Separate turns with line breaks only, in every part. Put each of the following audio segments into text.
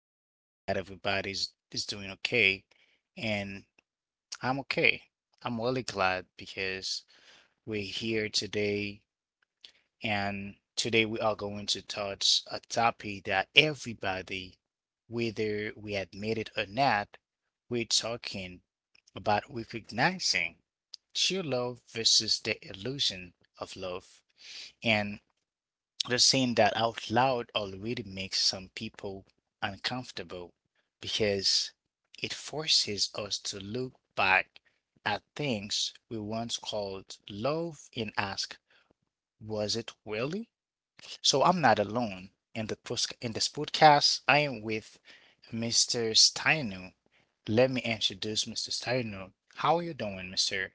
I think that everybody's is doing okay, and I'm okay. I'm really glad because we're here today, and today we are going to touch a topic that everybody, whether we admit it or not, we're talking about recognizing true love versus the illusion of love. And just saying that out loud already makes some people uncomfortable because it forces us to look back at things we once called love and ask, was it really? So I'm not alone. In this podcast, I am with Mr. Steinu. Let me introduce Mr. Steinu. How are you doing, Mr.?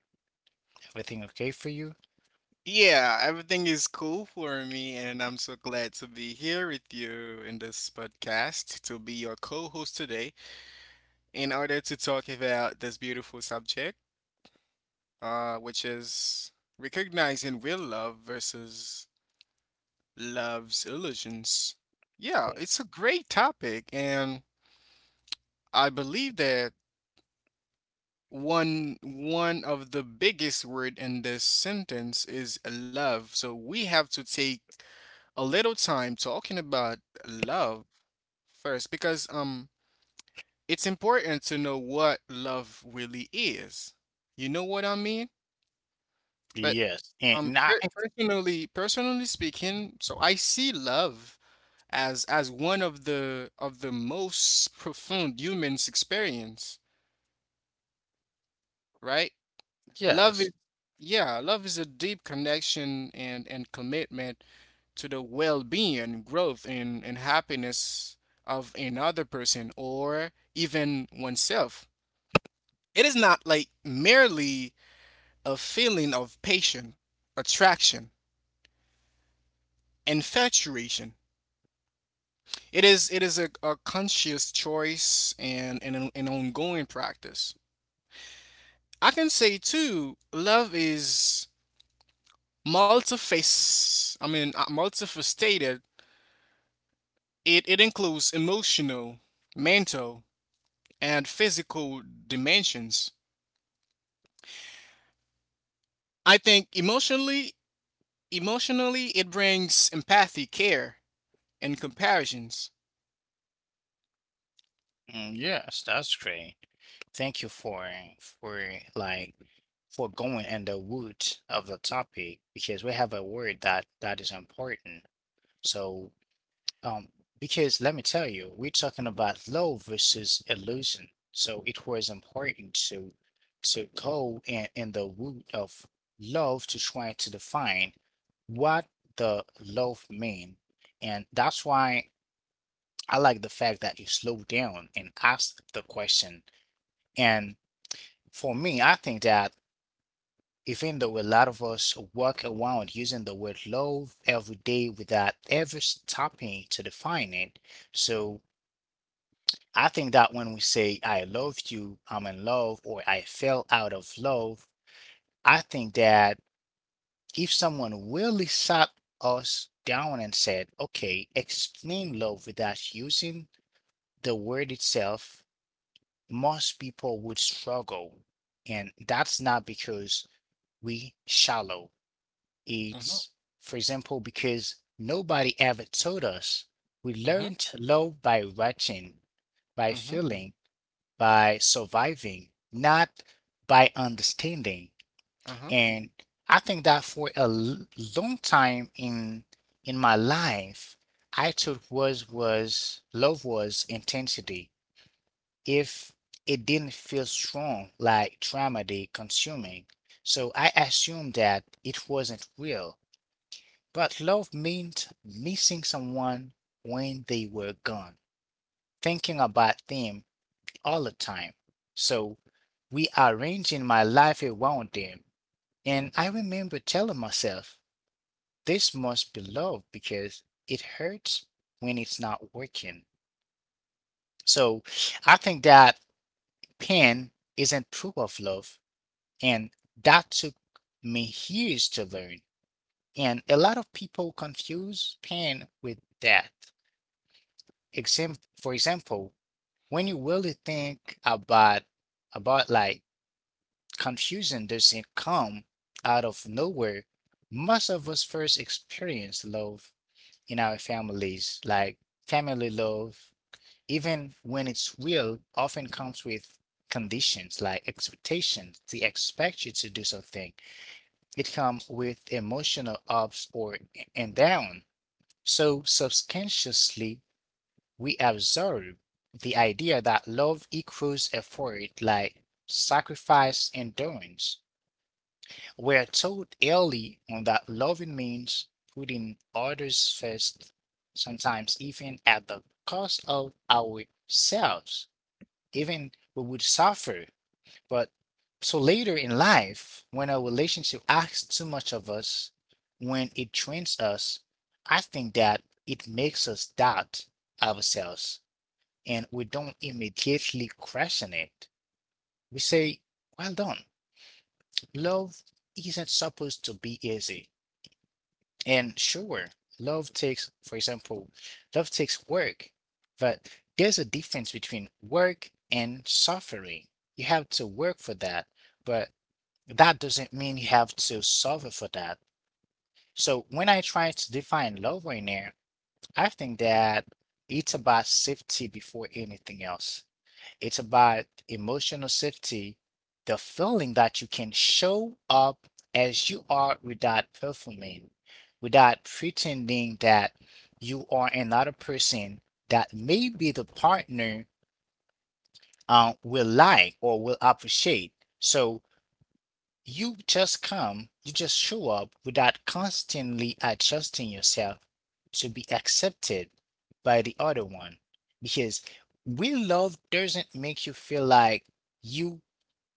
Everything okay for you?
Yeah, everything is cool for me, and I'm so glad to be here with you in this podcast to be your co-host today in order to talk about this beautiful subject, which is recognizing real love versus love's illusions. Yeah, it's a great topic, and I believe that one of the biggest word in this sentence is love. So we have to take a little time talking about love first because it's important to know what love really is. You know what I mean? But
Yes. And
um
not
per- personally personally speaking, so I see love as one of the most profound human's experience, right? Love
yes.
is, yeah, love is a deep connection and commitment to the well-being, growth, and happiness of another person or even oneself. It is not like merely a feeling of passion, attraction, infatuation. It is a conscious choice and an ongoing practice. I can say too, love is multifaceted. It includes emotional, mental, and physical dimensions. I think emotionally, it brings empathy, care, and comparisons.
Mm, yes, that's great. Thank you for like for going in the root of the topic because we have a word that is important. So um because let me tell you, we're talking about love versus illusion. So it was important to go in the root of love to try to define what the love mean. And that's why I like the fact that you slow down and ask the question. And for me, I think that even though a lot of us walk around using the word love every day without ever stopping to define it, so I think that when we say I love you, I'm in love, or I fell out of love, I think that if someone really sat us down and said, okay, explain love without using the word itself, most people would struggle. And that's not because we shallow.
Mm-hmm.
It's, for example, because nobody ever told us. We
Mm-hmm.
learned love by watching, by
Mm-hmm.
feeling, by surviving, not by understanding.
Uh-huh.
And I think that long time in my life, I thought was love was intensity. If it didn't feel strong, like drama, they consuming. So I assumed that it wasn't real. But love meant missing someone when they were gone, thinking about them all the time. So we are arranging my life around them. And I remember telling myself, this must be love because it hurts when it's not working. So I think that pain isn't proof of love. And that took me years to learn. And a lot of people confuse pain with death. Exam For example, when you really think about like confusion doesn't come out of nowhere. Most of us first experience love in our families, like family love, even when it's real, often comes with conditions like expectations. They expect you to do something. It comes with emotional ups or and down. So subconsciously we absorb the idea that love equals effort like sacrifice and endurance. We're taught early on that loving means putting others first, sometimes even at the cost of ourselves. Even we would suffer. But so later in life, when a relationship asks too much of us, when it trains us, I think that it makes us doubt ourselves and we don't immediately question it. We say, well done. Love isn't supposed to be easy. And sure, love takes, for example, love takes work, but there's a difference between work and suffering. You have to work for that, but that doesn't mean you have to suffer for that. So when I try to define love right now, I think that it's about safety before anything else. It's about emotional safety, the feeling that you can show up as you are without performing, without pretending that you are another person that maybe the partner will like or will appreciate. So you just come, you just show up without constantly adjusting yourself to be accepted by the other one. Because real love doesn't make you feel like you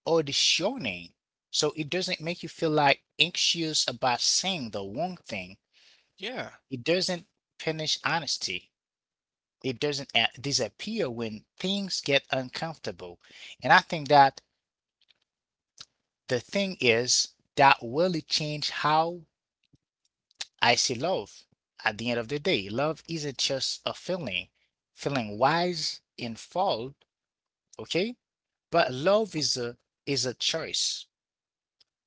auditioning. So it doesn't make you feel like anxious about saying the wrong thing.
Yeah.
It doesn't punish honesty. It doesn't a- disappear when things get uncomfortable. And I think that the thing is that really change how I see love. At the end of the day, love isn't just a feeling, feeling wise and fault, okay? But love is a choice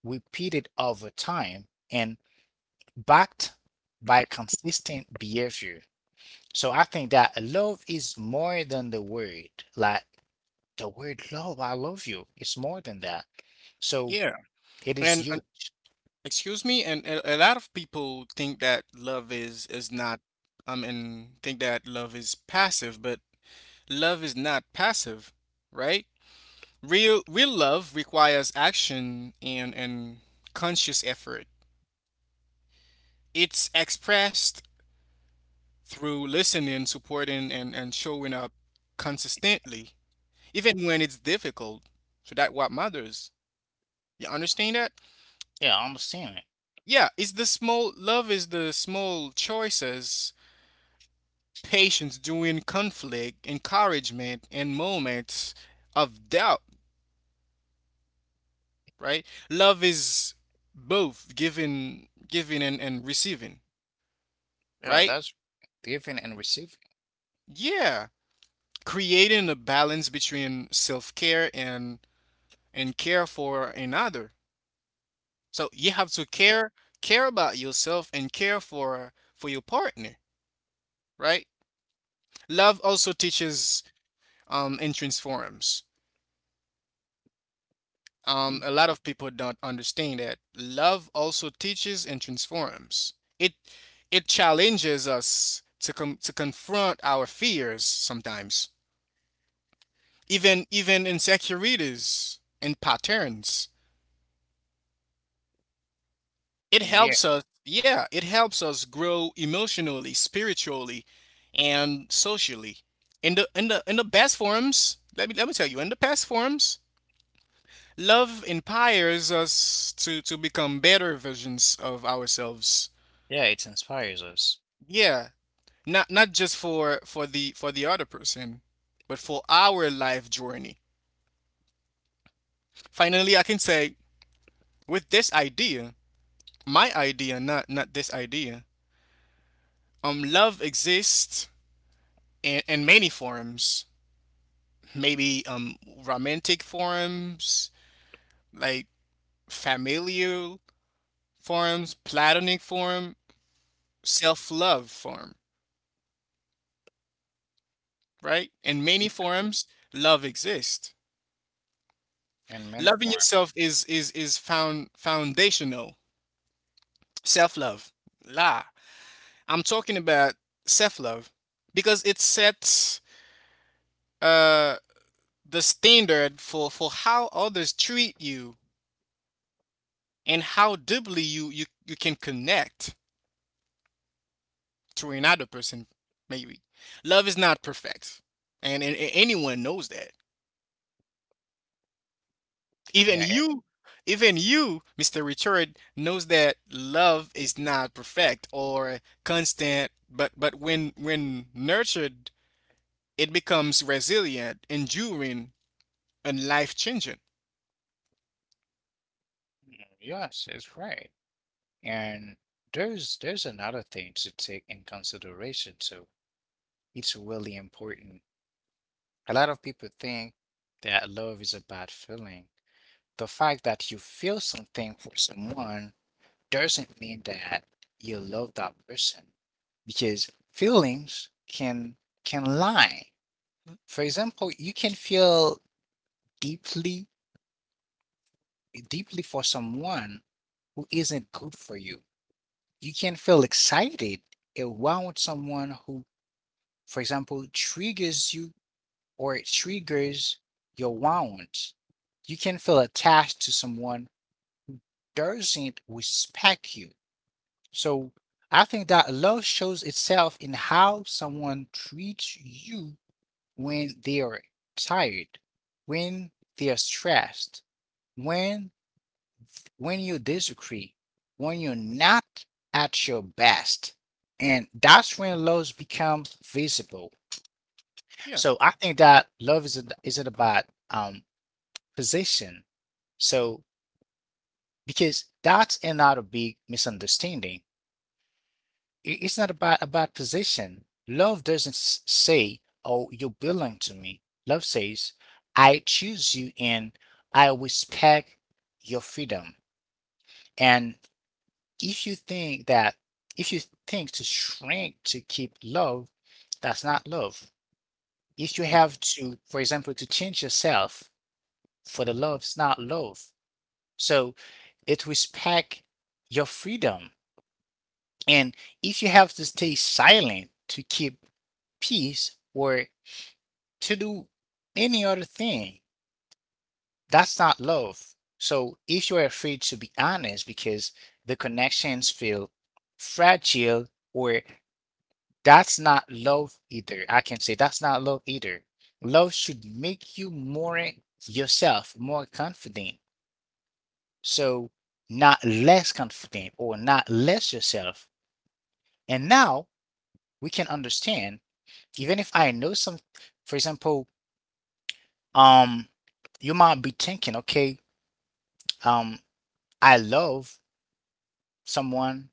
repeated over time and backed by consistent behavior. So I think that love is more than the word. Like the word love, I love you. It's more than that. So
Yeah.
it is
And
huge.
excuse me, and a lot of people think that love is not. And think that love is passive, but love is not passive, right? Real love requires action and conscious effort. It's expressed through listening, supporting, and showing up consistently, even when it's difficult. So that what matters. You understand that?
Yeah, I understand it.
Yeah, it's the small love is the small choices, patience during conflict, encouragement, and moments of doubt. Right? Love is both giving and receiving.
Yeah,
Right?
that's giving and receiving.
Yeah, creating a balance between self care and care for another. So you have to care about yourself and care for your partner, right? Love also teaches and transforms. A lot of people don't understand that love also teaches and transforms. It it challenges us to to confront our fears sometimes, even insecurities and patterns. It
Y-
helps us, yeah, it helps us grow emotionally, spiritually, and socially. In the best forms, let me tell you, in the best forms, love inspires us to become better versions of ourselves.
Yeah, it inspires us.
Yeah, not just for the other person, but for our life journey. Finally, I can say with this idea, my idea, not this idea. Love exists in many forms, maybe romantic forms, like familial forms, platonic form, self-love form, right? In many
Yeah,
forms, love exists.
in many
Loving
form.
yourself is is found foundational. Self-love. La. I'm talking about self-love because it sets uh the standard for how others treat you and how deeply you can connect to another person, maybe. Love is not perfect. And anyone knows that. Even
Yeah,
you, even you, Mr. Richard, knows that love is not perfect or constant, but when nurtured, it becomes resilient, enduring, and life-changing.
and yes, it's right. And there's another thing to take in consideration. So it's really important. A lot of people think that love is a bad feeling. The fact that you feel something for someone doesn't mean that you love that person because feelings can lie. For example, you can feel deeply deeply for someone who isn't good for you. You can feel excited around someone who, for example, triggers you or it triggers your wants. You can feel attached to someone doesn't respect you. So I think that love shows itself in how someone treats you when they are tired, when they are stressed, when when you disagree, when you're not at your best. And that's when love becomes visible.
Yeah.
So I think that love is isn't about um position. So because that's another big misunderstanding. It's not about position. Love doesn't s- say, "Oh, you belong to me." Love says, "I choose you and I respect your freedom." And if you think that, if you think to shrink to keep love, that's not love. If you have to, for example, to change yourself for the love, it's not love. So it respect your freedom. And if you have to stay silent to keep peace or to do any other thing, that's not love. So if you're afraid to be honest because the connections feel fragile or that's not love either. I can say that's not love either. Love should make you more yourself, more confident. So, not less confident or not less yourself. And now we can understand, even if I know some, for example, um, you might be thinking, okay, um, I love someone,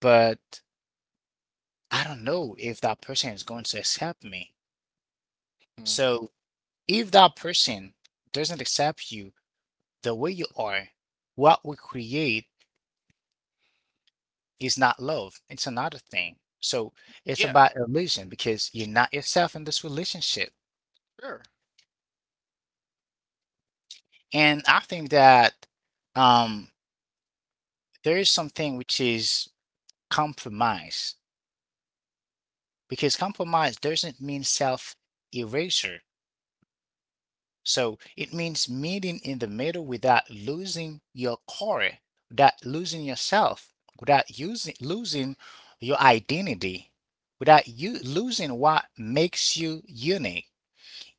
but I don't know if that person is going to accept me.
Mhm.
So, if that person doesn't accept you, the way you are, what we create is not love. It's another thing. So it's
Yeah,
about illusion because you're not yourself in this relationship.
sure.
And I think that um, there is something which is compromise because compromise doesn't mean self erasure. So it means meeting in the middle without losing your core, without losing yourself, without using losing your identity, without you losing what makes you unique.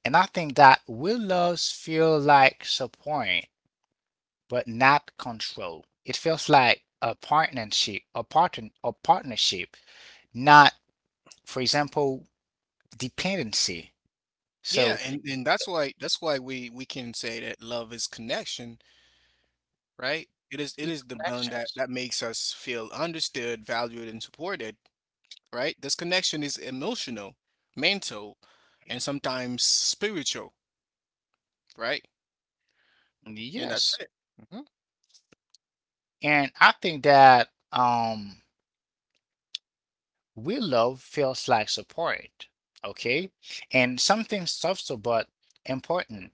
And I think that will loves feel like support, but not control. It feels like a partnership, a partnership, not, for example, dependency.
Yeah,
So
and that's why we can say that love is connection, right? It is it
it's
is the bond that
connections.
makes us feel understood, valued, and supported, right? This connection is emotional, mental, and sometimes spiritual, right? And that's
Yes.
it. Hmm.
And I think that real love feels like support, okay? And something subtle but important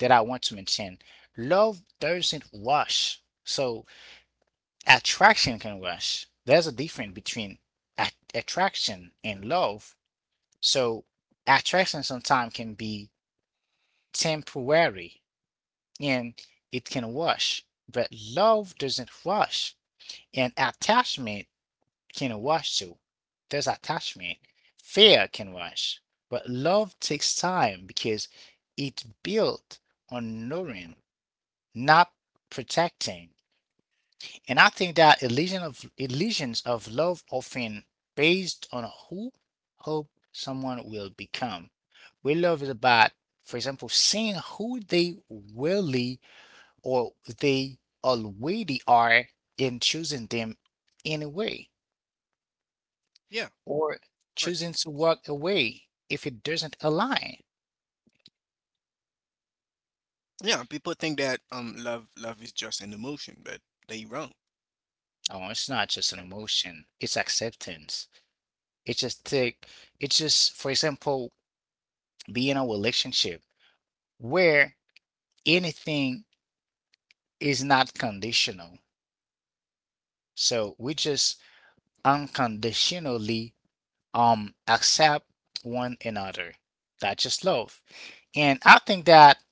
that I want to mention. Love doesn't rush. So attraction can rush. There's a difference between attraction and love. So attraction sometimes can be temporary and it can rush, but love doesn't rush. And attachment can rush to. There's attachment. Fear can rush. But love takes time because it's built on knowing, not protecting. And I think that illusions of love often based on who hope someone will become. Real love is about, for example, seeing who they really or they already are and choosing them anyway,
Yeah,
or
right.
choosing to walk away if it doesn't align.
Yeah, people think that love is just an emotion, but they wrong.
Oh, it's not just
Right?
an emotion, it's acceptance. It's just take it's just for example, be in a relationship where anything is not conditional. So we just unconditionally accept one another. That's just love. And I think that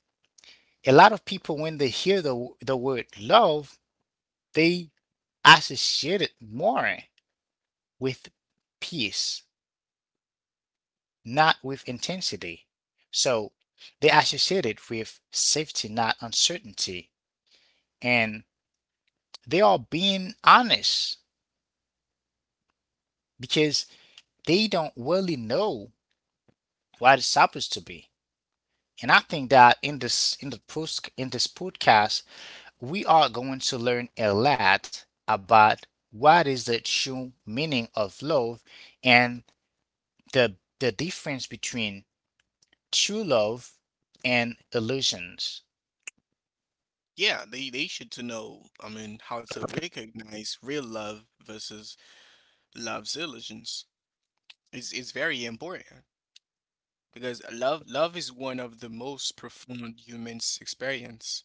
a lot of people when they hear the word love, they associate it more with peace, not with intensity. So they associate it with safety, not uncertainty. And they are being honest because they don't really know what it's supposed to be. And I think that in this in the post in this podcast, we are going to learn a lot about what is the true meaning of love and the difference between true love and illusions.
Yeah, they should to know, I mean, how to recognize real love versus love's illusions. Is very important because love is one of the most profound humans experience.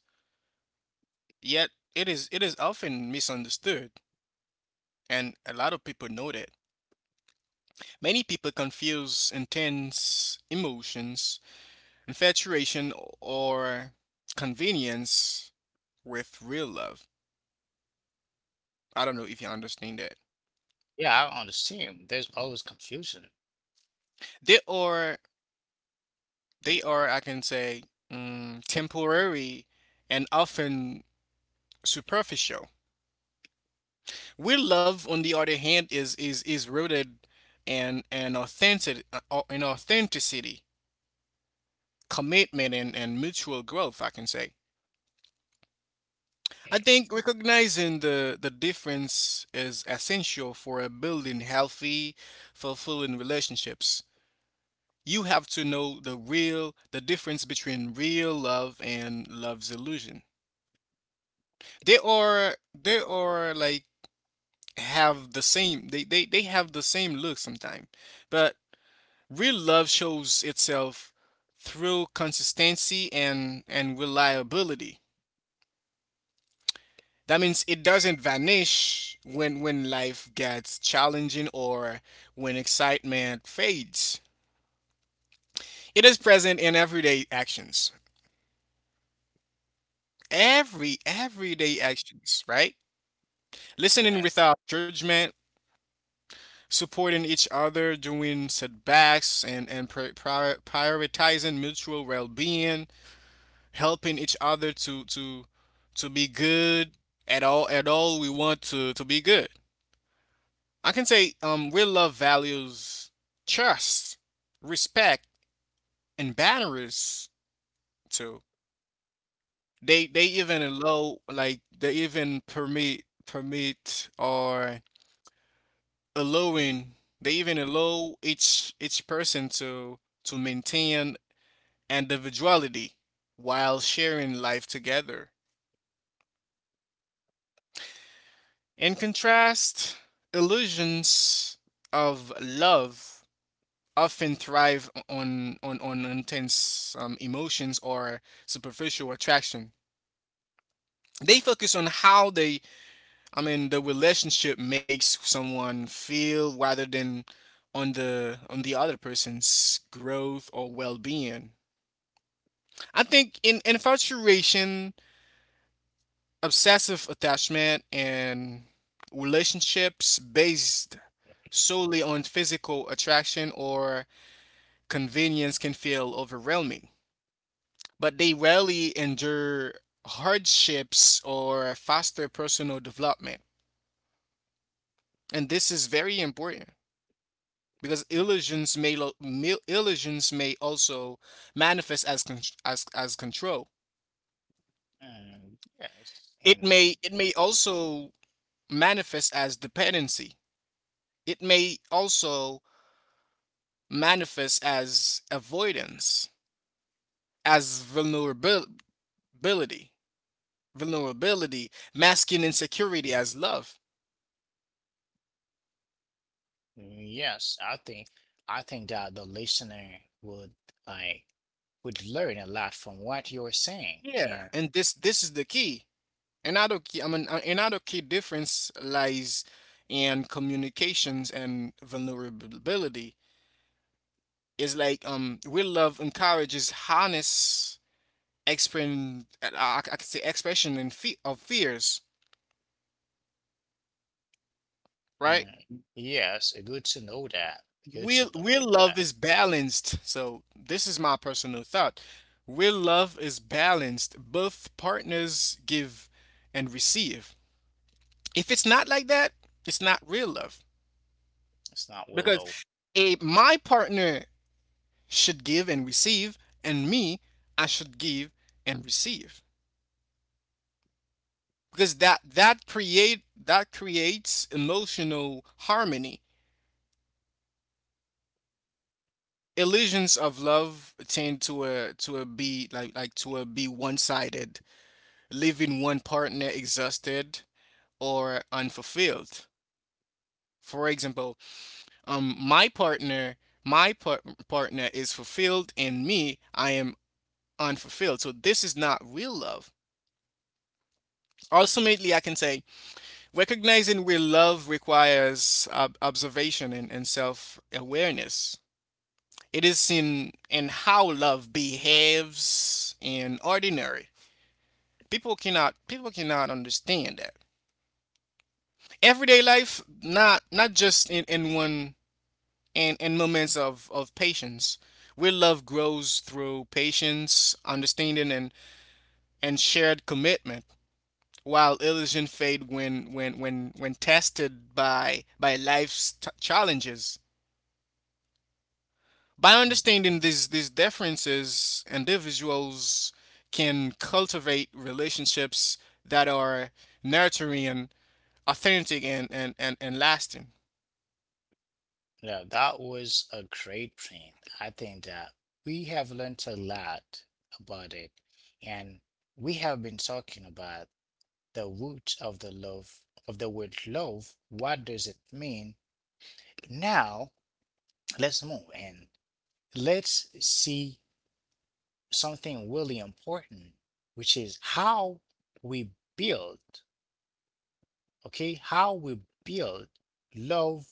Yet it is often misunderstood and a lot of people know that. Many people confuse intense emotions, infatuation, or convenience with real love. I don't know if you understand that.
Yeah, I'm on the team. There's always confusion.
They are they are I can say, temporary and often superficial. Real love, on the other hand, is rooted in an authentic in authenticity, commitment, and mutual growth. I can say. I think recognizing the difference is essential for building healthy, fulfilling relationships. You have to know the difference between real love and love's illusion. They are like have the same, they have the same look sometimes, but real love shows itself through consistency and reliability. That means it doesn't vanish when life gets challenging or when excitement fades. It is present in everyday actions. Everyday actions, right?
Yeah,
Listening without judgment, supporting each other during setbacks and prioritizing mutual well-being, helping each other to be good at all we want to be good. I can say we love values: trust, respect, and boundaries too. They even allow like they even permit permit or allowing they even allow each person to maintain individuality while sharing life together. In contrast, illusions of love often thrive on intense emotions or superficial attraction. They focus on how I mean, the relationship makes someone feel rather than on the other person's growth or well-being. I think in infatuation, obsessive attachment, and relationships based solely on physical attraction or convenience can feel overwhelming, but they rarely endure hardships or foster personal development. And this is very important because
and-
illusions may also manifest as as control.
yes,
It
and
may it may also manifest as dependency. It may also manifest as avoidance, as vulnerability, masking insecurity as love.
yes, I think that the listener would like would learn a lot from what you're saying.
Yeah,
And
and this is the key. Another key, I mean, another key difference lies in communications and vulnerability. Is like real love encourages honest expression. I could say expression of fears, right?
uh, yes, good to know that. Good to
Real
know
real
that.
love is balanced. So this is my personal thought. Real love is balanced. Both partners give and receive. If it's not like that, it's not real love.
It's not well
Because
low.
a my partner should give and receive, and me, I should give and receive. Because that creates emotional harmony. Illusions of love tend to a be like to a be one sided, leaving one partner exhausted or unfulfilled. For example, my my par- partner is fulfilled and me I am unfulfilled. So this is not real love. Ultimately, I can say recognizing real love requires observation and self awareness. It is in how love behaves in ordinary. People cannot understand that. Everyday life, not just in moments of patience. Real love grows through patience, understanding, and shared commitment, while illusion fade when tested by life's challenges. By
Mm,
understanding these differences, individuals can cultivate relationships that are nurturing, authentic, and lasting.
yeah, that was a great print. I think that we have learned a lot about it, and we have been talking about the root of the love of the word love. What does it mean? Now, let's move and let's see something really important, which is how we build, okay how we build love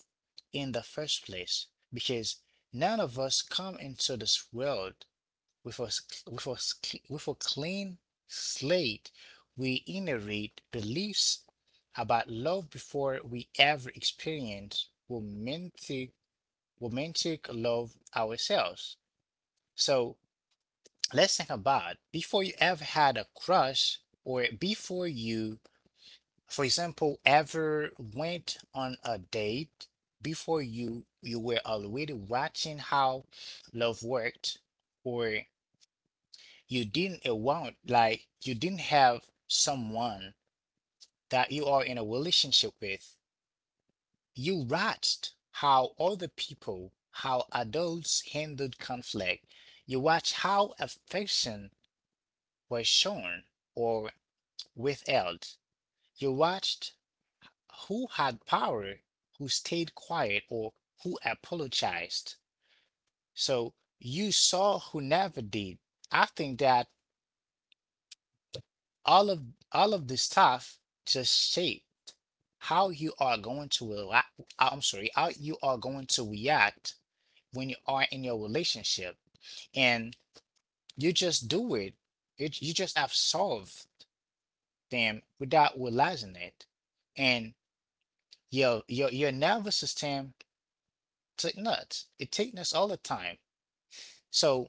in the first place, because none of us come into this world with a with a clean slate. We inherit beliefs about love before we ever experience romantic love ourselves. So let's think: about before you ever had a crush, or before you, for example, ever went on a date, before you were already watching how love worked, or you didn't want, like you didn't have someone that you are in a relationship with. You watched how other people, how adults handled conflict. You watched how affection was shown or withheld. You watched who had power, who stayed quiet, or who apologized. So you saw who never did. I think that all of all of this stuff just shape how you are going to how you are going to react when you are in your relationship, and you just do it. It, you just have solved them without realizing it, and your nervous system take nuts. It takes nuts all the time. So,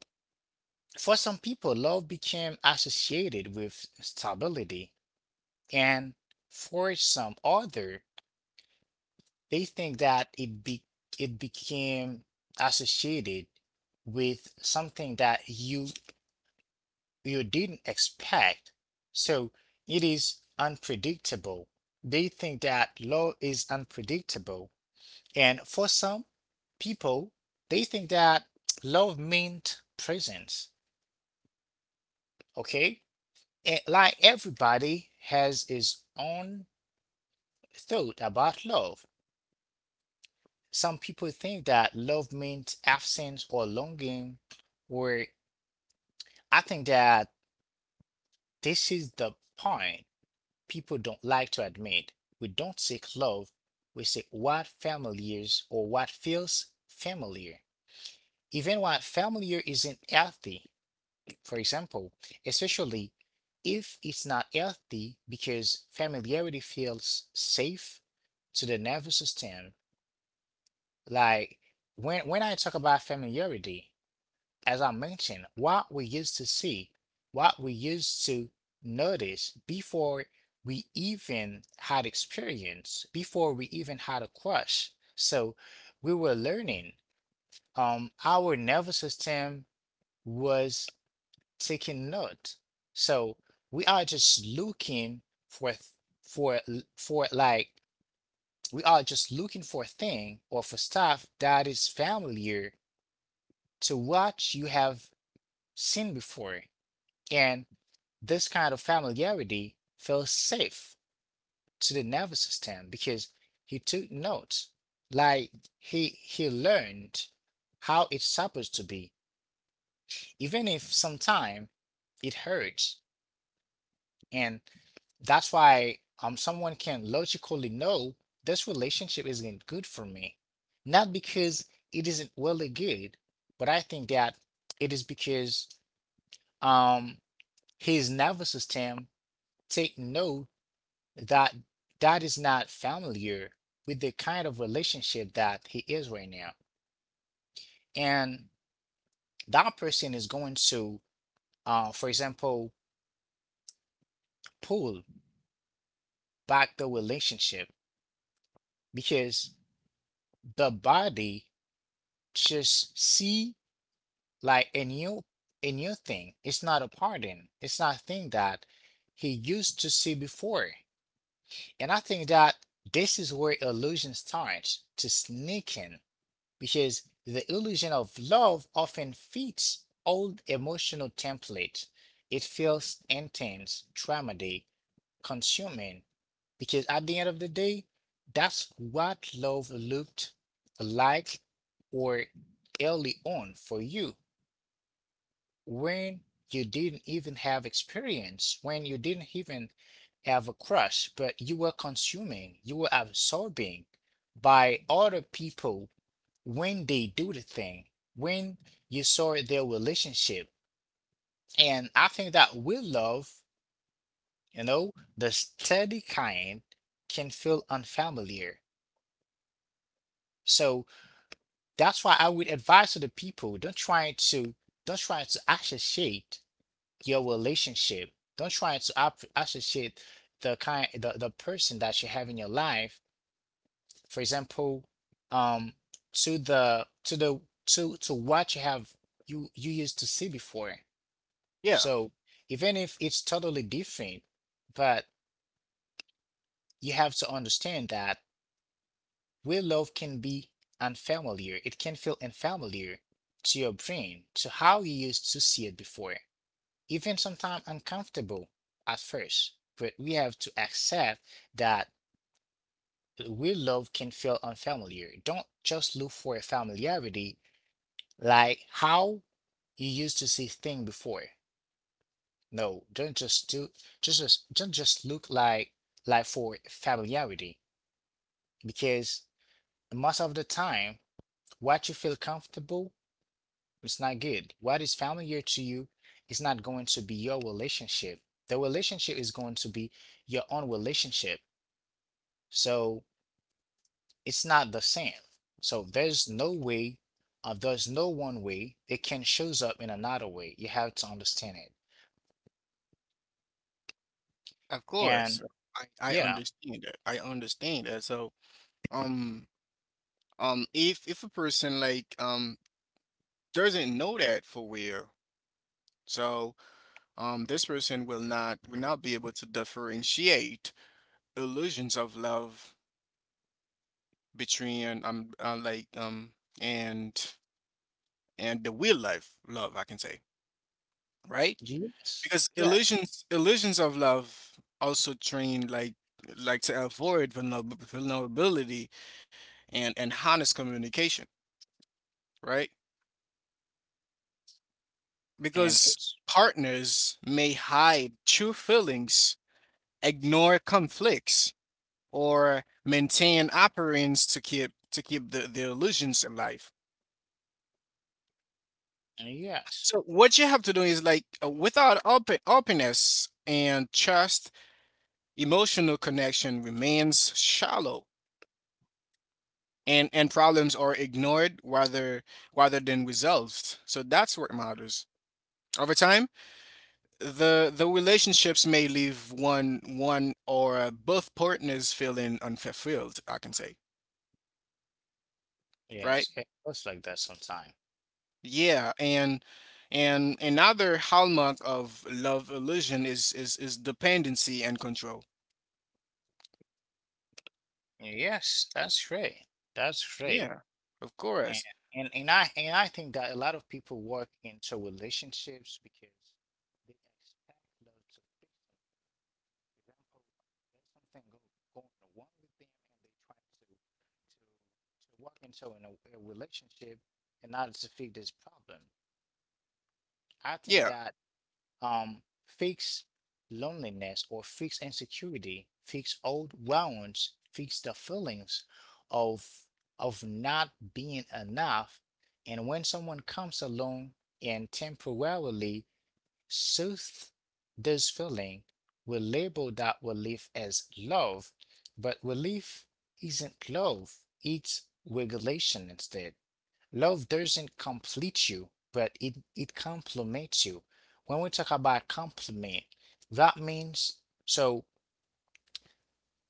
for some people, love became associated with stability, and for some other, they think that it became associated with something that you didn't expect. So it is unpredictable. They think that love is unpredictable, and for some people, they think that love meant presence. Okay, like everybody has his own thought about love. Some people think that love means absence or longing, where I think that this is the point people don't like to admit. We don't seek love, we seek what familiar is or what feels familiar. Even what familiar isn't healthy, for example, especially if it's not healthy, because familiarity feels safe to the nervous system. Like, when I talk about familiarity, as I mentioned, what we used to see, what we used to notice before we even had experience, before we even had a crush. So we were learning. Our nervous system was taking note. So we are just looking for for for like, we are just looking for a thing or for stuff that is familiar to what you have seen before. And this kind of familiarity feels safe to the nervous system because he took notes. Like, he learned how it's supposed to be, even if sometimes it hurts. And that's why someone can logically know this relationship isn't good for me. Not because it isn't really good, but I think that it is because um his nervous system take note that that is not familiar with the kind of relationship that he is right now. And that person is going to, for example, pull back the relationship because the body just see like a new thing. It's not a pardon. It's not a thing that he used to see before. And I think that this is where illusion starts to sneak in, because the illusion of love often fits old emotional template. It feels intense, traumatic, consuming, because at the end of the day, that's what love looked like, or early on for you, when you didn't even have experience, when you didn't even have a crush, but you were consuming, you were absorbing by other people when they do the thing, when you saw their relationship. And I think that with love, you know, the steady kind can feel unfamiliar. So that's why I would advise to the people, don't try to associate your relationship. Don't try to associate the person that you have in your life. For example, um to the to what you have, you used to see before.
Yeah,
So even if it's totally different, but you have to understand that real love can be unfamiliar. It can feel unfamiliar to your brain, to how you used to see it before, even sometimes uncomfortable at first. But we have to accept that real love can feel unfamiliar. Don't just look for a familiarity, like how you used to see things before. No, don't just do don't just look like for familiarity, because most of the time what you feel comfortable, it's not good. What is familiar to you is not going to be your relationship. The relationship is going to be your own relationship. So it's not the same. So there's no way, there's no one way. It can shows up in another way. You have to understand it.
of
And
course. I
yeah,
understand that. Um if a person doesn't know that for real, so this person will not be able to differentiate illusions of love between and and the real life love, I can say, right?
yes,
Because
yeah,
illusions of love also train like to avoid vulnerability and honest communication, right?
and
Because
it's
partners may hide true feelings, ignore conflicts, or maintain appearance to keep the illusions alive.
and yes,
So what you have to do is like without openness and trust, emotional connection remains shallow and problems are ignored rather than resolved. So that's what matters. Over time, the relationships may leave one or both partners feeling unfulfilled, I can say, right?
yes. It goes like that sometime.
Yeah, and another hallmark of love illusion is dependency and control.
Yes, that's great. That's great.
Yeah, of
And
course.
and I, think that a lot of people work into relationships because they expect love to fix them. For example, there's something going wrong with them, and they try to work into a relationship in order to fix this problem. I think
Yeah,
that fix loneliness, or fix insecurity, fix old wounds, fix the feelings of of not being enough. And when someone comes along and temporarily soothes this feeling, we label that relief as love, but relief isn't love, it's regulation instead. Love doesn't complete you, but it complements you. When we talk about complement, that means, so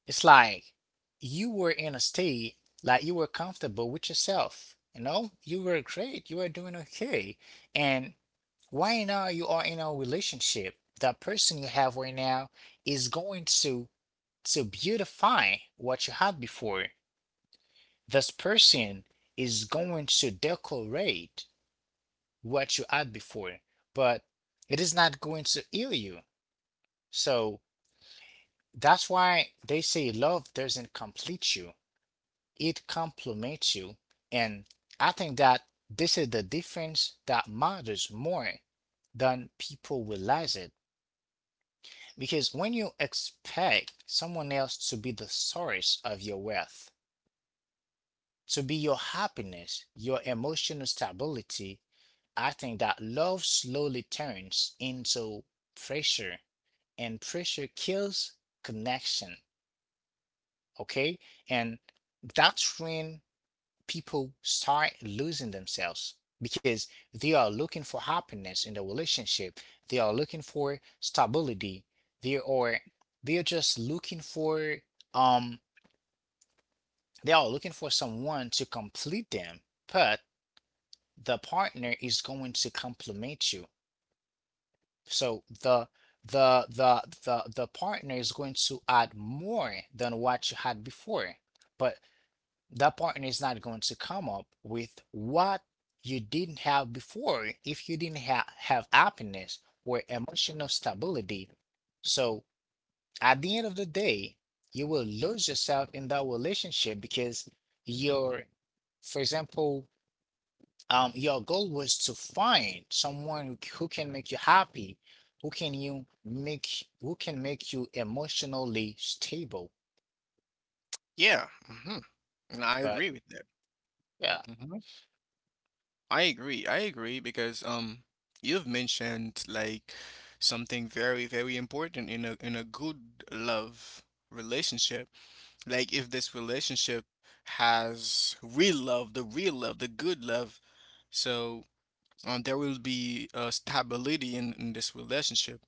it's like you were in a state, like you were comfortable with yourself. You know, you were great, you were doing okay. And right now you are in a relationship. That person you have right now is going to beautify what you had before. This person is going to decorate what you had before, but it is not going to heal you. So that's why they say love doesn't complete you, it complements you. And I think that this is the difference that matters more than people realize it. Because when you expect someone else to be the source of your wealth, to be your happiness, your emotional stability, I think that love slowly turns into pressure, and pressure kills connection. Okay, and that's when people start losing themselves, because they are looking for happiness in the relationship. They are looking for stability. They are, just looking for um they are looking for someone to complete them, but the partner is going to complement you. So the the partner is going to add more than what you had before, but that partner is not going to come up with what you didn't have before, if you didn't ha have happiness or emotional stability. So at the end of the day, you will lose yourself in that relationship, because you're, for example, your goal was to find someone who, who can make you happy, who can make you emotionally stable.
yeah. Hmm. And I
But
agree with that.
yeah,
Hmm. I agree. I agree because you've mentioned, like, something very very important in a good love relationship. Like if this relationship has real love, the good love, so there will be stability in this relationship.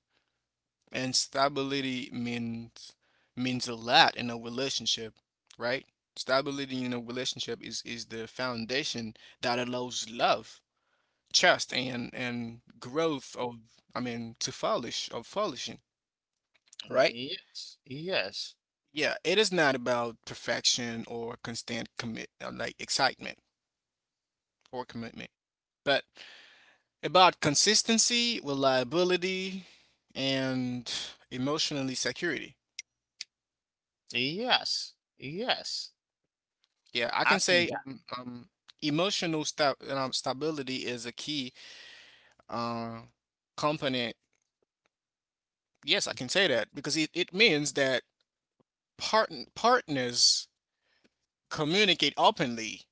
And stability means a lot in a relationship, right? Stability in a relationship is the foundation that allows love, trust, and growth of, I mean, to flourish of flourishing, right?
yes, yes,
Yeah, it is not about perfection or constant commit like excitement or commitment, but about consistency, reliability, and emotionally security.
yes, yes.
Yeah, I
I
can
think
say
that
emotional stability is a key uh, component. Yes, I can say that because it means that partners communicate openly,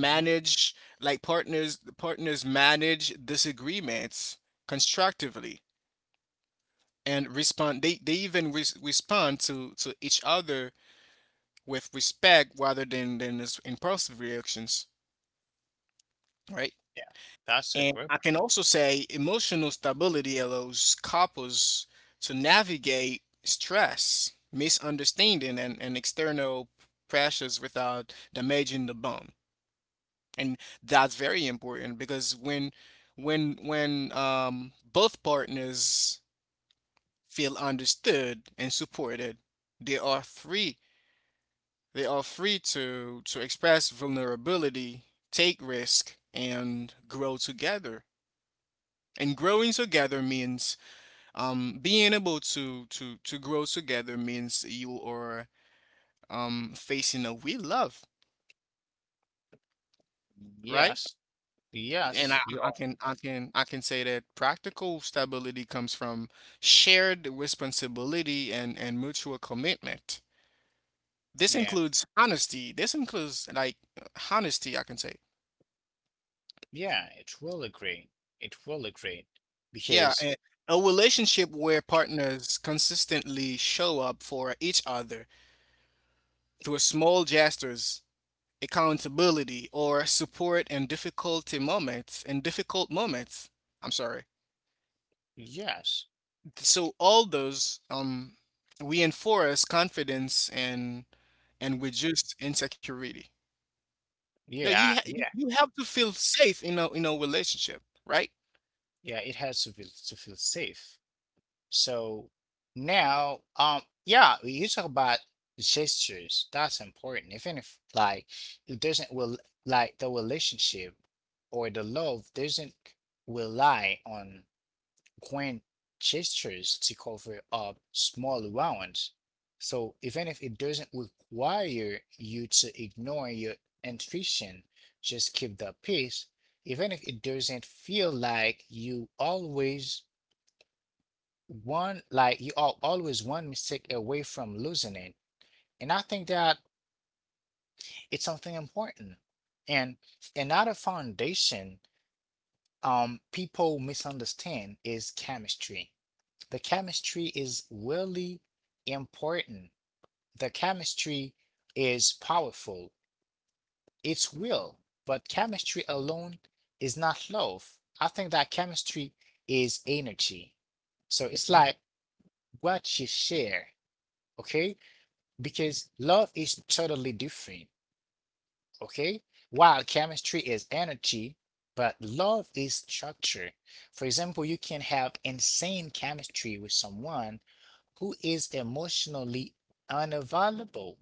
mhm,
like, partners manage disagreements constructively and respond. They even respond to each other with respect rather than this impulsive reactions, right?
yeah, that's a
And
group.
I can also say emotional stability allows couples to navigate stress, misunderstanding, and external pressures without damaging the bond. And that's very important because when both partners feel understood and supported, they are free They are free to express vulnerability, take risk, and grow together. And growing together means being able to grow together means you are facing a we love, right?
Yes,
And I,
yes, you
I
are.
can I can I can say that practical stability comes from shared responsibility and mutual commitment. This
Yeah,
includes honesty. This includes honesty, I can say.
yeah. It will agree. It will agree
Yeah,
because
a relationship where partners consistently show up for each other through small gestures, accountability, or support in difficulty moments. In difficult moments, I'm sorry.
yes,
So all those reinforce confidence and reduce insecurity. Yeah, you
yeah,
ha you
yeah,
you have to feel safe in a relationship, right?
yeah. It has to feel safe. So now, yeah, we you talk about gestures. That's important. Even if like it doesn't will, like the relationship or the love doesn't rely on grand gestures to cover up small wounds. So even if it doesn't require you to ignore your intuition, just keep the peace. Even if it doesn't feel like you always one like you are always one mistake away from losing it. And I think that it's something important, and another foundation people misunderstand is chemistry. The chemistry is really important. The chemistry is powerful, it's real, but chemistry alone is not love. I think that chemistry is energy, so it's like what you share. Okay, because love is totally different, okay? While chemistry is energy, but love is structure. For example, you can have insane chemistry with someone who is emotionally unavailable,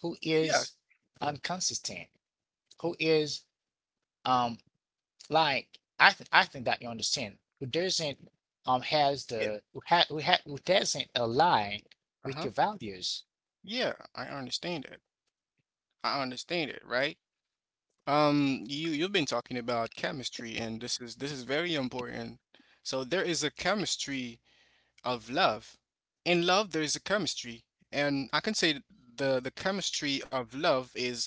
who is
Yes.
inconsistent, who is um like, I think that you understand, who doesn't has
Yeah.
the who ha who ha who doesn't align with
Uh-huh.
your values.
Yeah, I understand it. I understand it, right? You you've been talking about chemistry, and this is very important. So there is a chemistry of love. In love, there is a chemistry, and I can say th- the chemistry of love is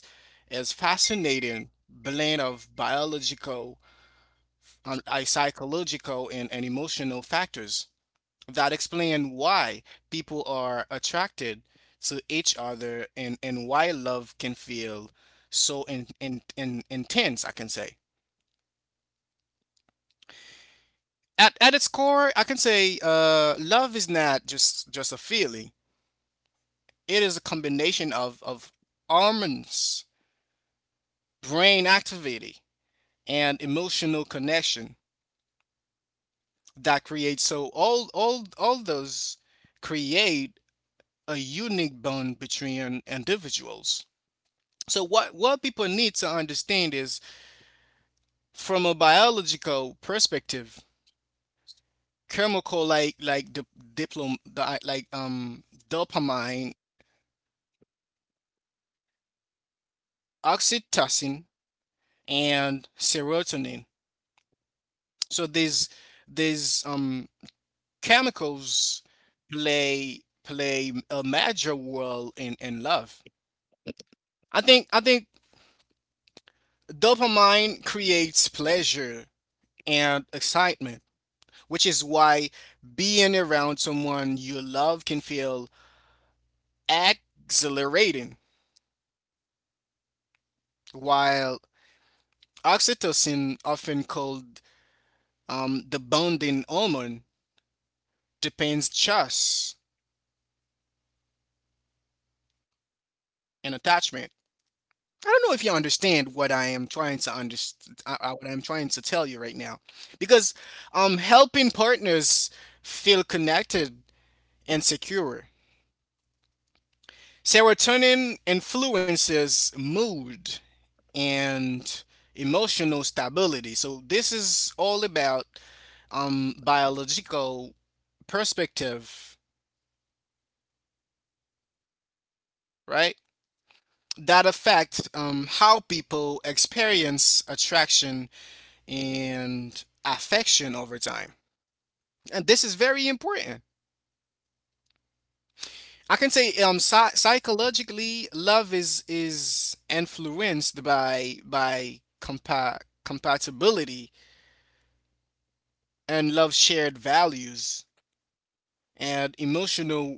fascinating blend of biological, I psychological, and emotional factors that explain why people are attracted to each other and why love can feel so in intense, I can say. At its core, I can say love is not just a feeling. It is a combination of hormones, brain activity, and emotional connection that creates. So all those create a unique bond between individuals. So what people need to understand is from a biological perspective, chemical like the diplom the, like dopamine, oxytocin, and serotonin. So these chemicals play a major role in love. I think dopamine creates pleasure and excitement, which is why being around someone you love can feel exhilarating, while oxytocin, often called the bonding hormone, depends just and attachment. I don't know if you understand what I am trying to understand. What I'm trying to tell you right now, because helping partners feel connected and secure. Serotonin influences mood and emotional stability. So this is all about biological perspective, right? That affect how people experience attraction and affection over time. And this is very important. I can say psychologically, love is influenced by compatibility and love shared values and emotional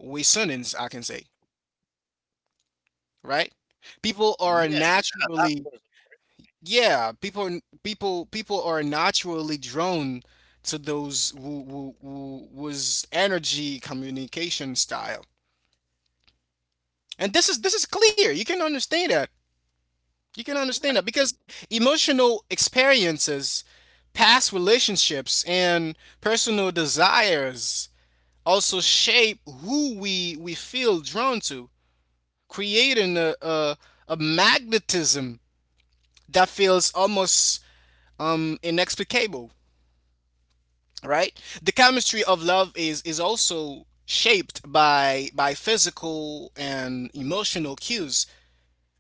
resonance. I can say. Right. People are naturally yeah people are naturally drawn to those who was energy communication style. And this is clear. You can understand that because emotional experiences, past relationships, and personal desires also shape we feel drawn to, creating a magnetism that feels almost inexplicable, right? The chemistry of love is also shaped by physical and emotional cues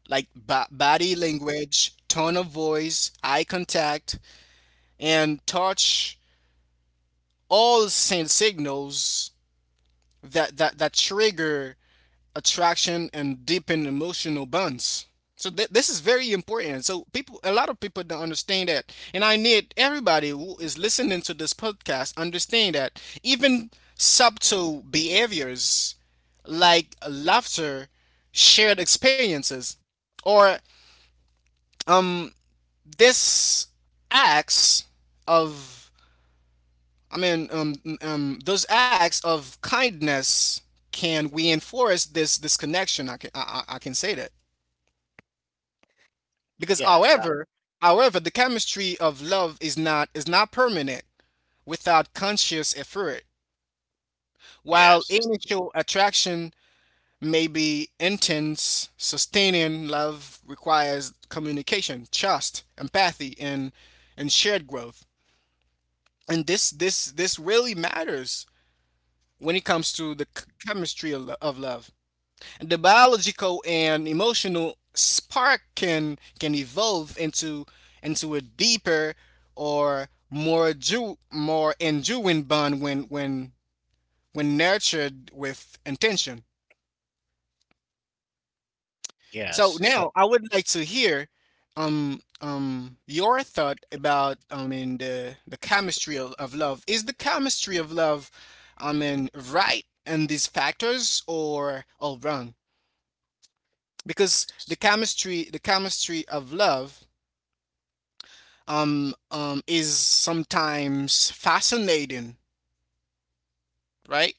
like body language, tone of voice, eye contact, and touch all send signals that trigger attraction and deepen emotional bonds. So this is very important. So people, a lot of people don't understand that, and I need everybody who is listening to this podcast understand that even subtle behaviors like laughter, shared experiences, or um this acts of I mean, those acts of kindness can reinforce this connection. I can say that because,
Yes, that
however, however, the chemistry of love is not permanent without conscious effort. While
yes,
initial attraction may be intense, sustaining love requires communication, trust, empathy, and shared growth. And this really matters when it comes to the chemistry of, of love. The biological and emotional spark can evolve into a deeper or more enduring bond when nurtured with intention. So
yes.
now
So
I would like to hear your thought about I mean the chemistry of love. Is the chemistry of love I mean right in these factors or wrong? Because
s-
the chemistry of love is sometimes fascinating, right?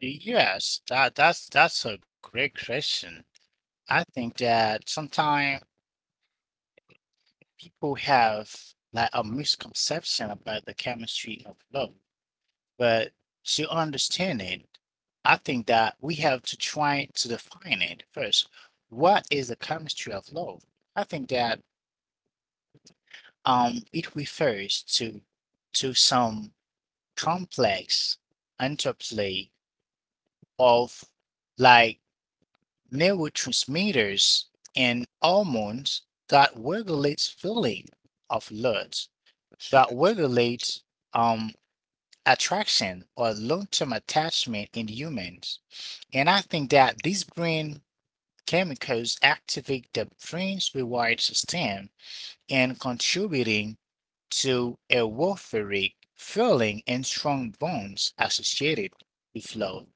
yes, that's a great question. I think that sometimes people have like a misconception about the chemistry of love, but to understand it, I think that we have to try to define it first. What is the chemistry of love? I think that it refers to some complex interplay of, like, neurotransmitters and hormones that regulates filling of blood, that
Shit.
regulate um, attraction or long-term attachment in humans. And I think that these brain chemicals activate the brain's reward system and contributing to a euphoric feeling and strong bonds associated with love.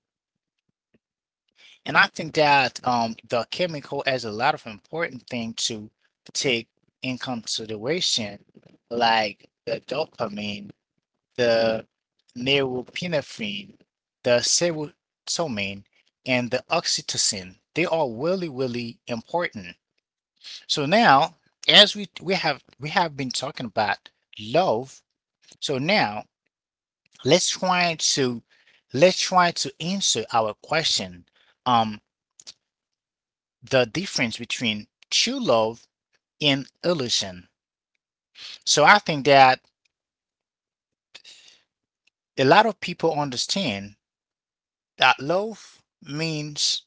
And I think that, the chemical has a lot of important thing to take in consideration, like the dopamine, the neuropinephrine, the serotonin, and the oxytocin. They are really, really important. So now, as we have been talking about love, so now let's try to let's try to answer our question. Um, the difference between true love and illusion. So I think that a lot of people understand that love means,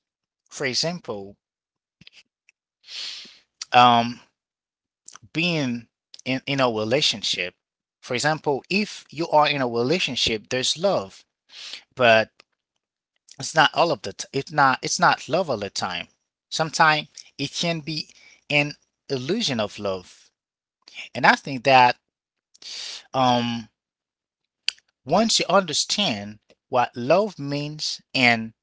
for example, um, being in, a relationship. For example, if you are in a relationship, there's love, but it's not all of it's not love all the time. Sometimes it can be an illusion of love. And I think that um once you understand what love means and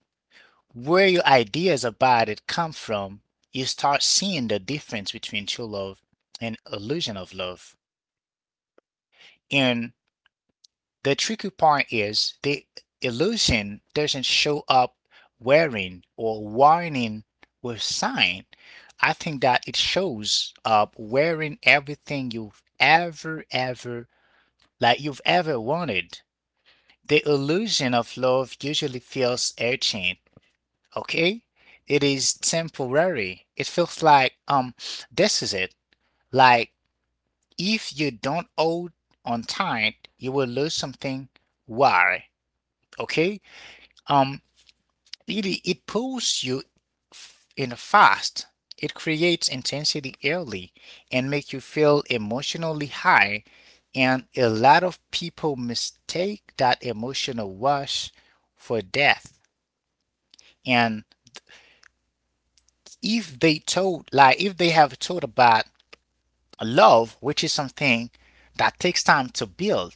where your ideas about it come from, you start seeing the difference between true love and illusion of love. And the tricky part is the illusion doesn't show up wearing or warning with sign. I think that it shows up wearing everything you've ever wanted. The illusion of love usually feels urgent, okay? It is temporary. It feels like, this is it. Like, if you don't hold on tight, you will lose something. Why? Okay? Um, it pulls you in fast. It creates intensity early and make you feel emotionally high. And a lot of people mistake that emotional rush for death. And if they told, like, if they have told about love, which is something that takes time to build,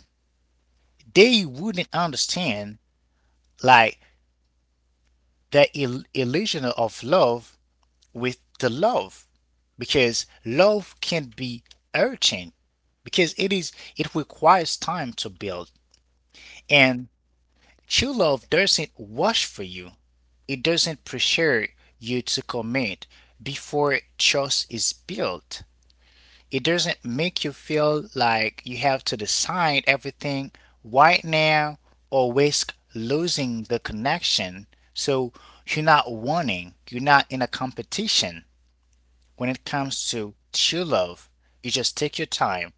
they wouldn't understand, like, the illusion of love with the love, because love can be urgent because it is it requires time to build. And true love doesn't rush for you, it doesn't pressure you to commit before trust is built, it doesn't make you feel like you have to decide everything right now or risk losing the connection. So you're not wanting, you're not in a competition when it comes to true love. You just take your time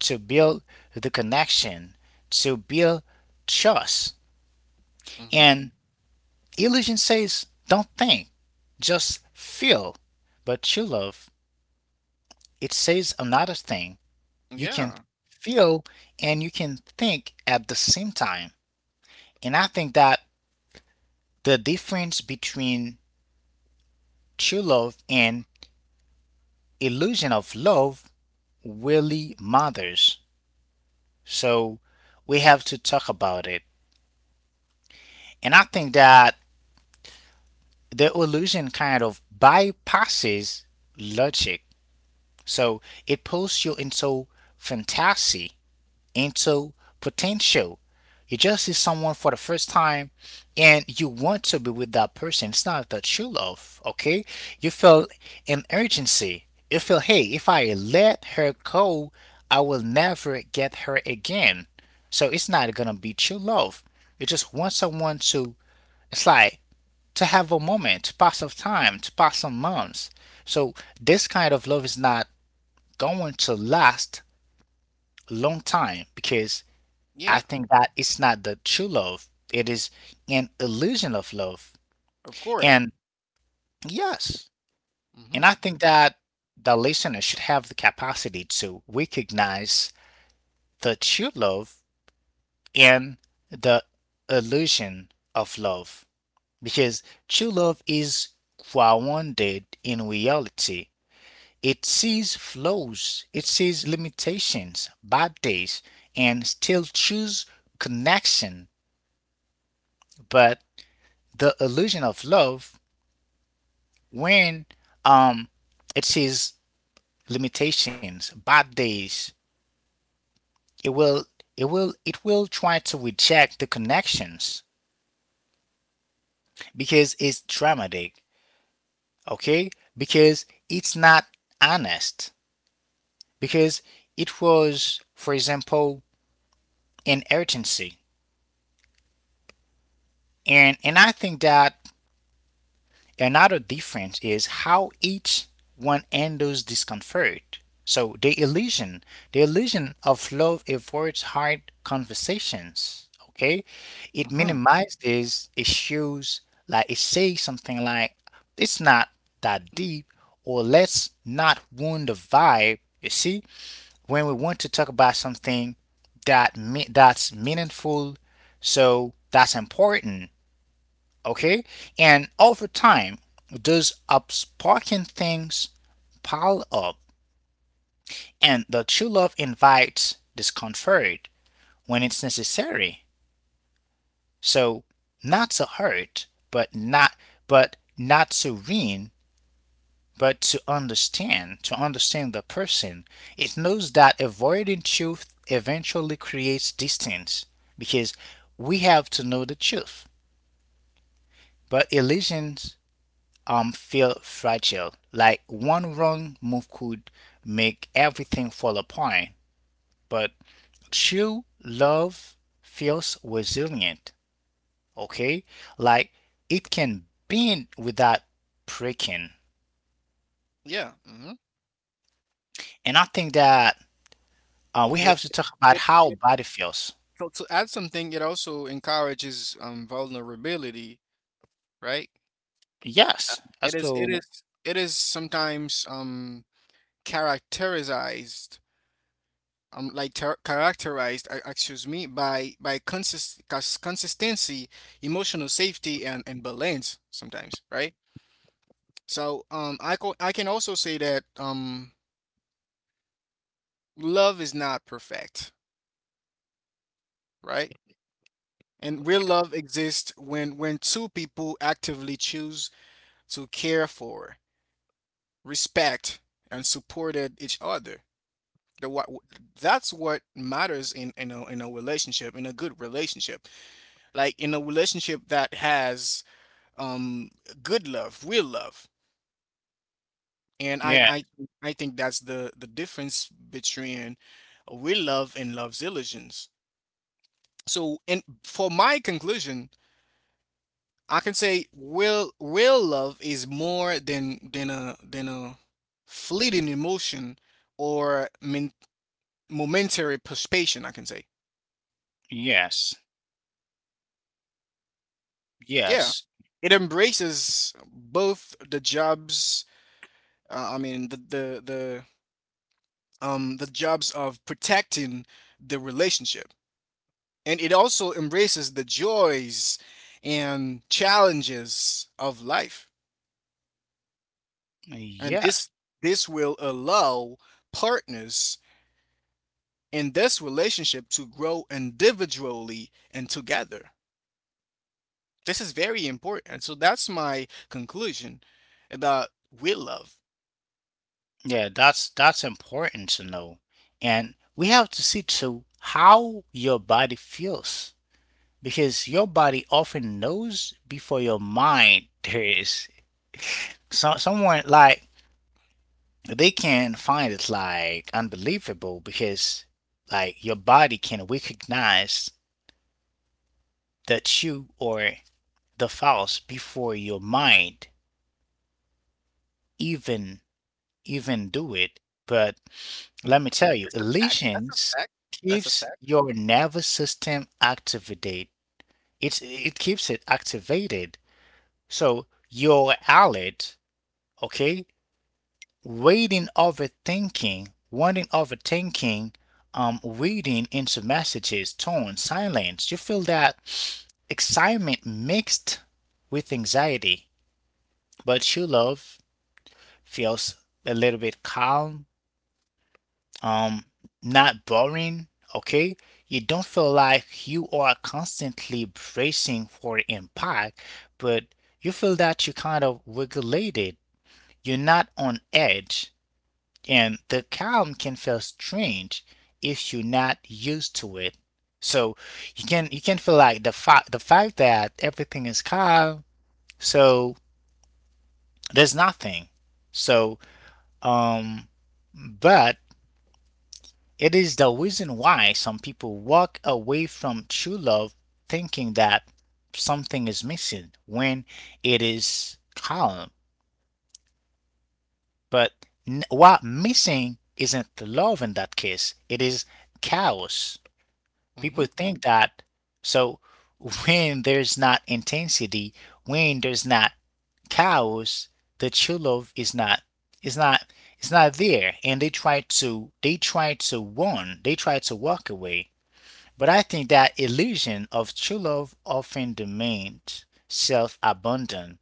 to build the connection, to build trust.
Mm-hmm.
And illusion says, don't think, just feel. But true love, it says another thing. You can
Yeah.
feel and you can think at the same time. And I think that the difference between true love and illusion of love really matters. So we have to talk about it. And I think that the illusion kind of bypasses logic. So it pulls you into fantasy, into potential. You just see someone for the first time and you want to be with that person. It's not the true love, okay? You feel an urgency. You feel, hey, if I let her go, I will never get her again. So it's not gonna be true love. You just want someone to, it's like to have a moment, to pass of time, to pass some months. So this kind of love is not going to last a long time because I
Yeah.
think that it's not the true love. It is an illusion of love.
Of course.
And yes, and
Mm-hmm.
I think that the listener should have the capacity to recognize the true love and the illusion of love. Because true love is grounded in reality. It sees flaws, it sees limitations, bad days, and still choose connection. But the illusion of love, when um it sees limitations, bad days, it will it will try to reject the connections because it's dramatic, okay? Because it's not honest. Because it was, for example, an urgency. And I think that another difference is how each one handles discomfort. So the illusion of love avoids hard conversations. Okay, it
Mm-hmm.
minimizes issues. Like it says something like, "It's not that deep," or "Let's not wound the vibe." You see, when we want to talk about something that that's meaningful, so that's important, okay, and over time those upsparking things pile up. And the true love invites discomfort when it's necessary, so not to hurt but not to win but to understand, to understand the person. It knows that avoiding truth eventually creates distance because we have to know the truth. But illusions feel fragile. Like one wrong move could make everything fall apart. But true love feels resilient, okay? Like it can bend without breaking.
Yeah. Mm-hmm.
And I think that we
It,
have to talk about
it,
how
it,
body feels.
so to add something, it also encourages vulnerability, right? Um,
Yes. As
it is
to
sometimes characterized like ter characterized, excuse me, by consistency, emotional safety, and balance sometimes, right? So I can also say that love is not perfect, right? And real love exists when two people actively choose to care for, respect, and supported each other. The what That's what matters in in a relationship, in a good relationship, like in a relationship that has um good love, real love. and I
yeah,
I I think that's the difference between real love and love's illusions. So and for my conclusion, I can say real love is more than a fleeting emotion or momentary perspation, I can say.
yes,
Yeah.
yes,
It embraces both the jobs, uh, I mean the the the the jobs of protecting the relationship, and it also embraces the joys and challenges of life. And
yes.
this will allow partners in this relationship to grow individually and together. This is very important. So that's my conclusion about we love.
Yeah, that's important to know. And we have to see too how your body feels, because your body often knows before your mind there is. So someone, like, they can find it like unbelievable because like your body can recognize the true or the false before your mind even do it. But
Mm.
let me tell you,
That's a fact. That's a
Elysians
fact. That's a
keeps
fact.
your nervous system activated. It keeps it activated. So you're alert, okay? Waiting overthinking, wanting overthinking, reading into messages, tone, silence. You feel that excitement mixed with anxiety, but your love feels a little bit calm, um not boring, okay. You don't feel like you are constantly bracing for impact, but you feel that you kind of regulated. You're not on edge, and the calm can feel strange if you're not used to it. So you can, you can feel like the fact that everything is calm, so there's nothing, so um but it is the reason why some people walk away from true love thinking that something is missing when it is calm. But what missing isn't love in that case, it is chaos.
Hmm.
People think that, so when there's not intensity, when there's not chaos, the true love is not is not is not there, and they try to run, they try to walk away. But I think that illusion of true love often demands self abandon.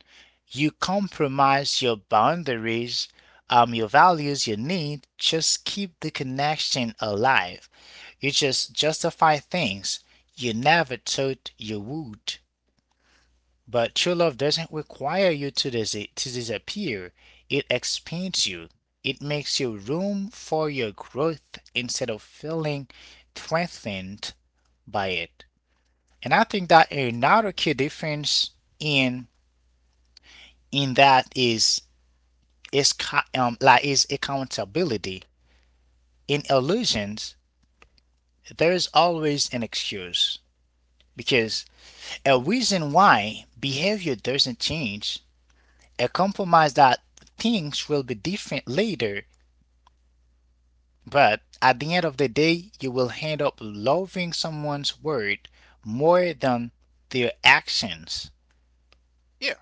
You compromise your boundaries, your values, your need, just keep the connection alive. You just justify things you never thought you would. But true love doesn't require you to, to disappear, it expands you. It makes you room for your growth instead of feeling threatened by it. And I think that another key difference in that is is accountability. In illusions, there is always an excuse because a reason why behavior doesn't change, a compromise that things will be different later. But at the end of the day, you will end up loving someone's word more than their actions.
Yeah,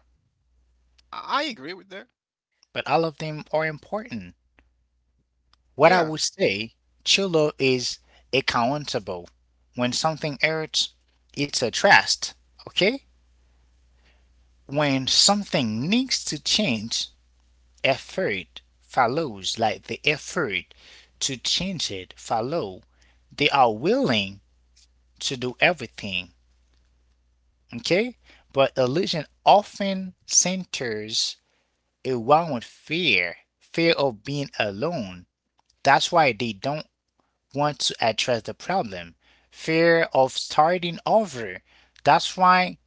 I agree with that.
But all of them are important. What I
Yeah,
would say, true love is accountable. When something hurts, it's a trust, okay? When something needs to change, effort follows, like the effort to change it follow. They are willing to do everything. Okay? But illusion often centers around fear, fear of being alone. That's why they don't want to address the problem. Fear of starting over. That's why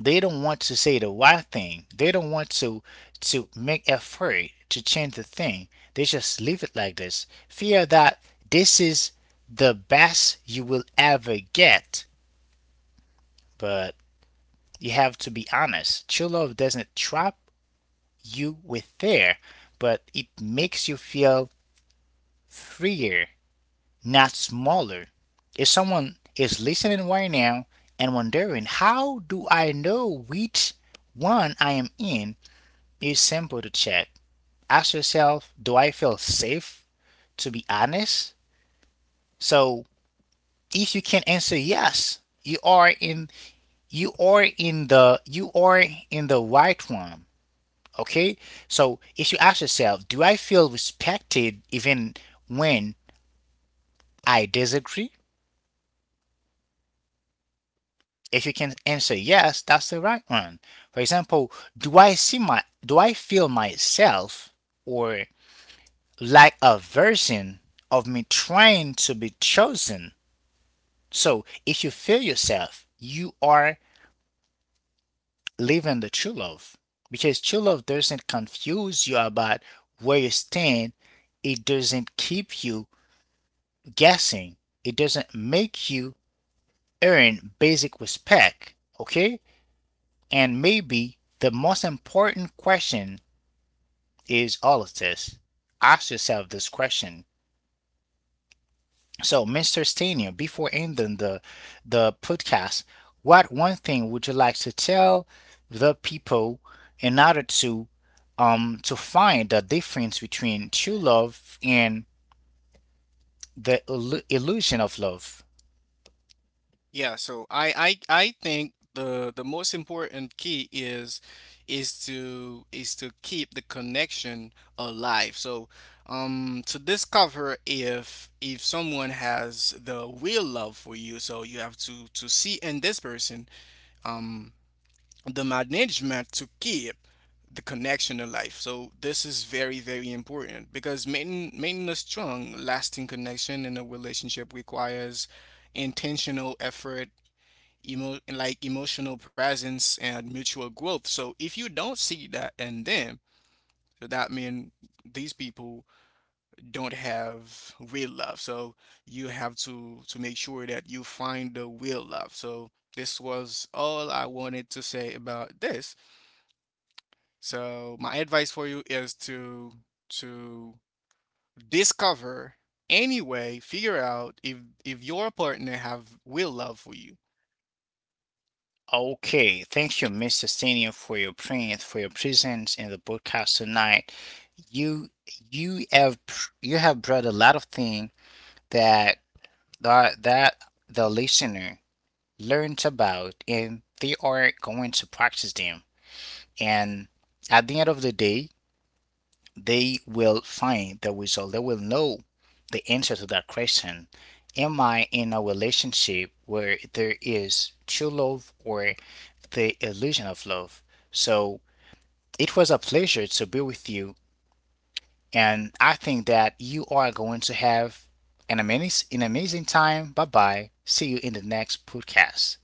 they don't want to say the right thing. They don't want to make effort to change the thing. They just leave it like this. Fear that this is the best you will ever get. But you have to be honest. True love doesn't trap you with fear, but it makes you feel freer, not smaller. If someone is listening right now and wondering, how do I know which one I am in? It's simple to check. Ask yourself, do I feel safe to be honest? So if you can answer yes, you are in the right one. Okay? So if you ask yourself, do I feel respected even when I disagree? If you can answer yes, that's the right one. For example, do I see my do I feel myself or like a version of me trying to be chosen? So if you feel yourself, you are living the true love. Because true love doesn't confuse you about where you stand, it doesn't keep you guessing. It doesn't make you earn basic respect, okay? And maybe the most important question is all of this. Ask yourself this question. So, Mr. Stania, before ending the podcast, what one thing would you like to tell the people in order to find the difference between true love and the illusion of love?
yeah. So I think the most important key is is to keep the connection alive. So, to discover if someone has the real love for you, so you have to see in this person the management to keep the connection alive. So this is very, very important because maintaining a strong, lasting connection in a relationship requires intentional effort, emotional presence, and mutual growth. So if you don't see that in them, so that means these people don't have real love. So you have to make sure that you find the real love. So this was all I wanted to say about this. So my advice for you is to to discover, anyway, figure out if your partner have will love for you.
Okay, thank you, Mr. Senior, for your print, for your presence in the broadcast tonight. You you have brought a lot of things that that that the listener learns about, and they are going to practice them. And at the end of the day, they will find the result. They will know the answer to that question. Am I in a relationship where there is true love or the illusion of love? So it was a pleasure to be with you. And I think that you are going to have an amazing time. Bye bye. See you in the next podcast.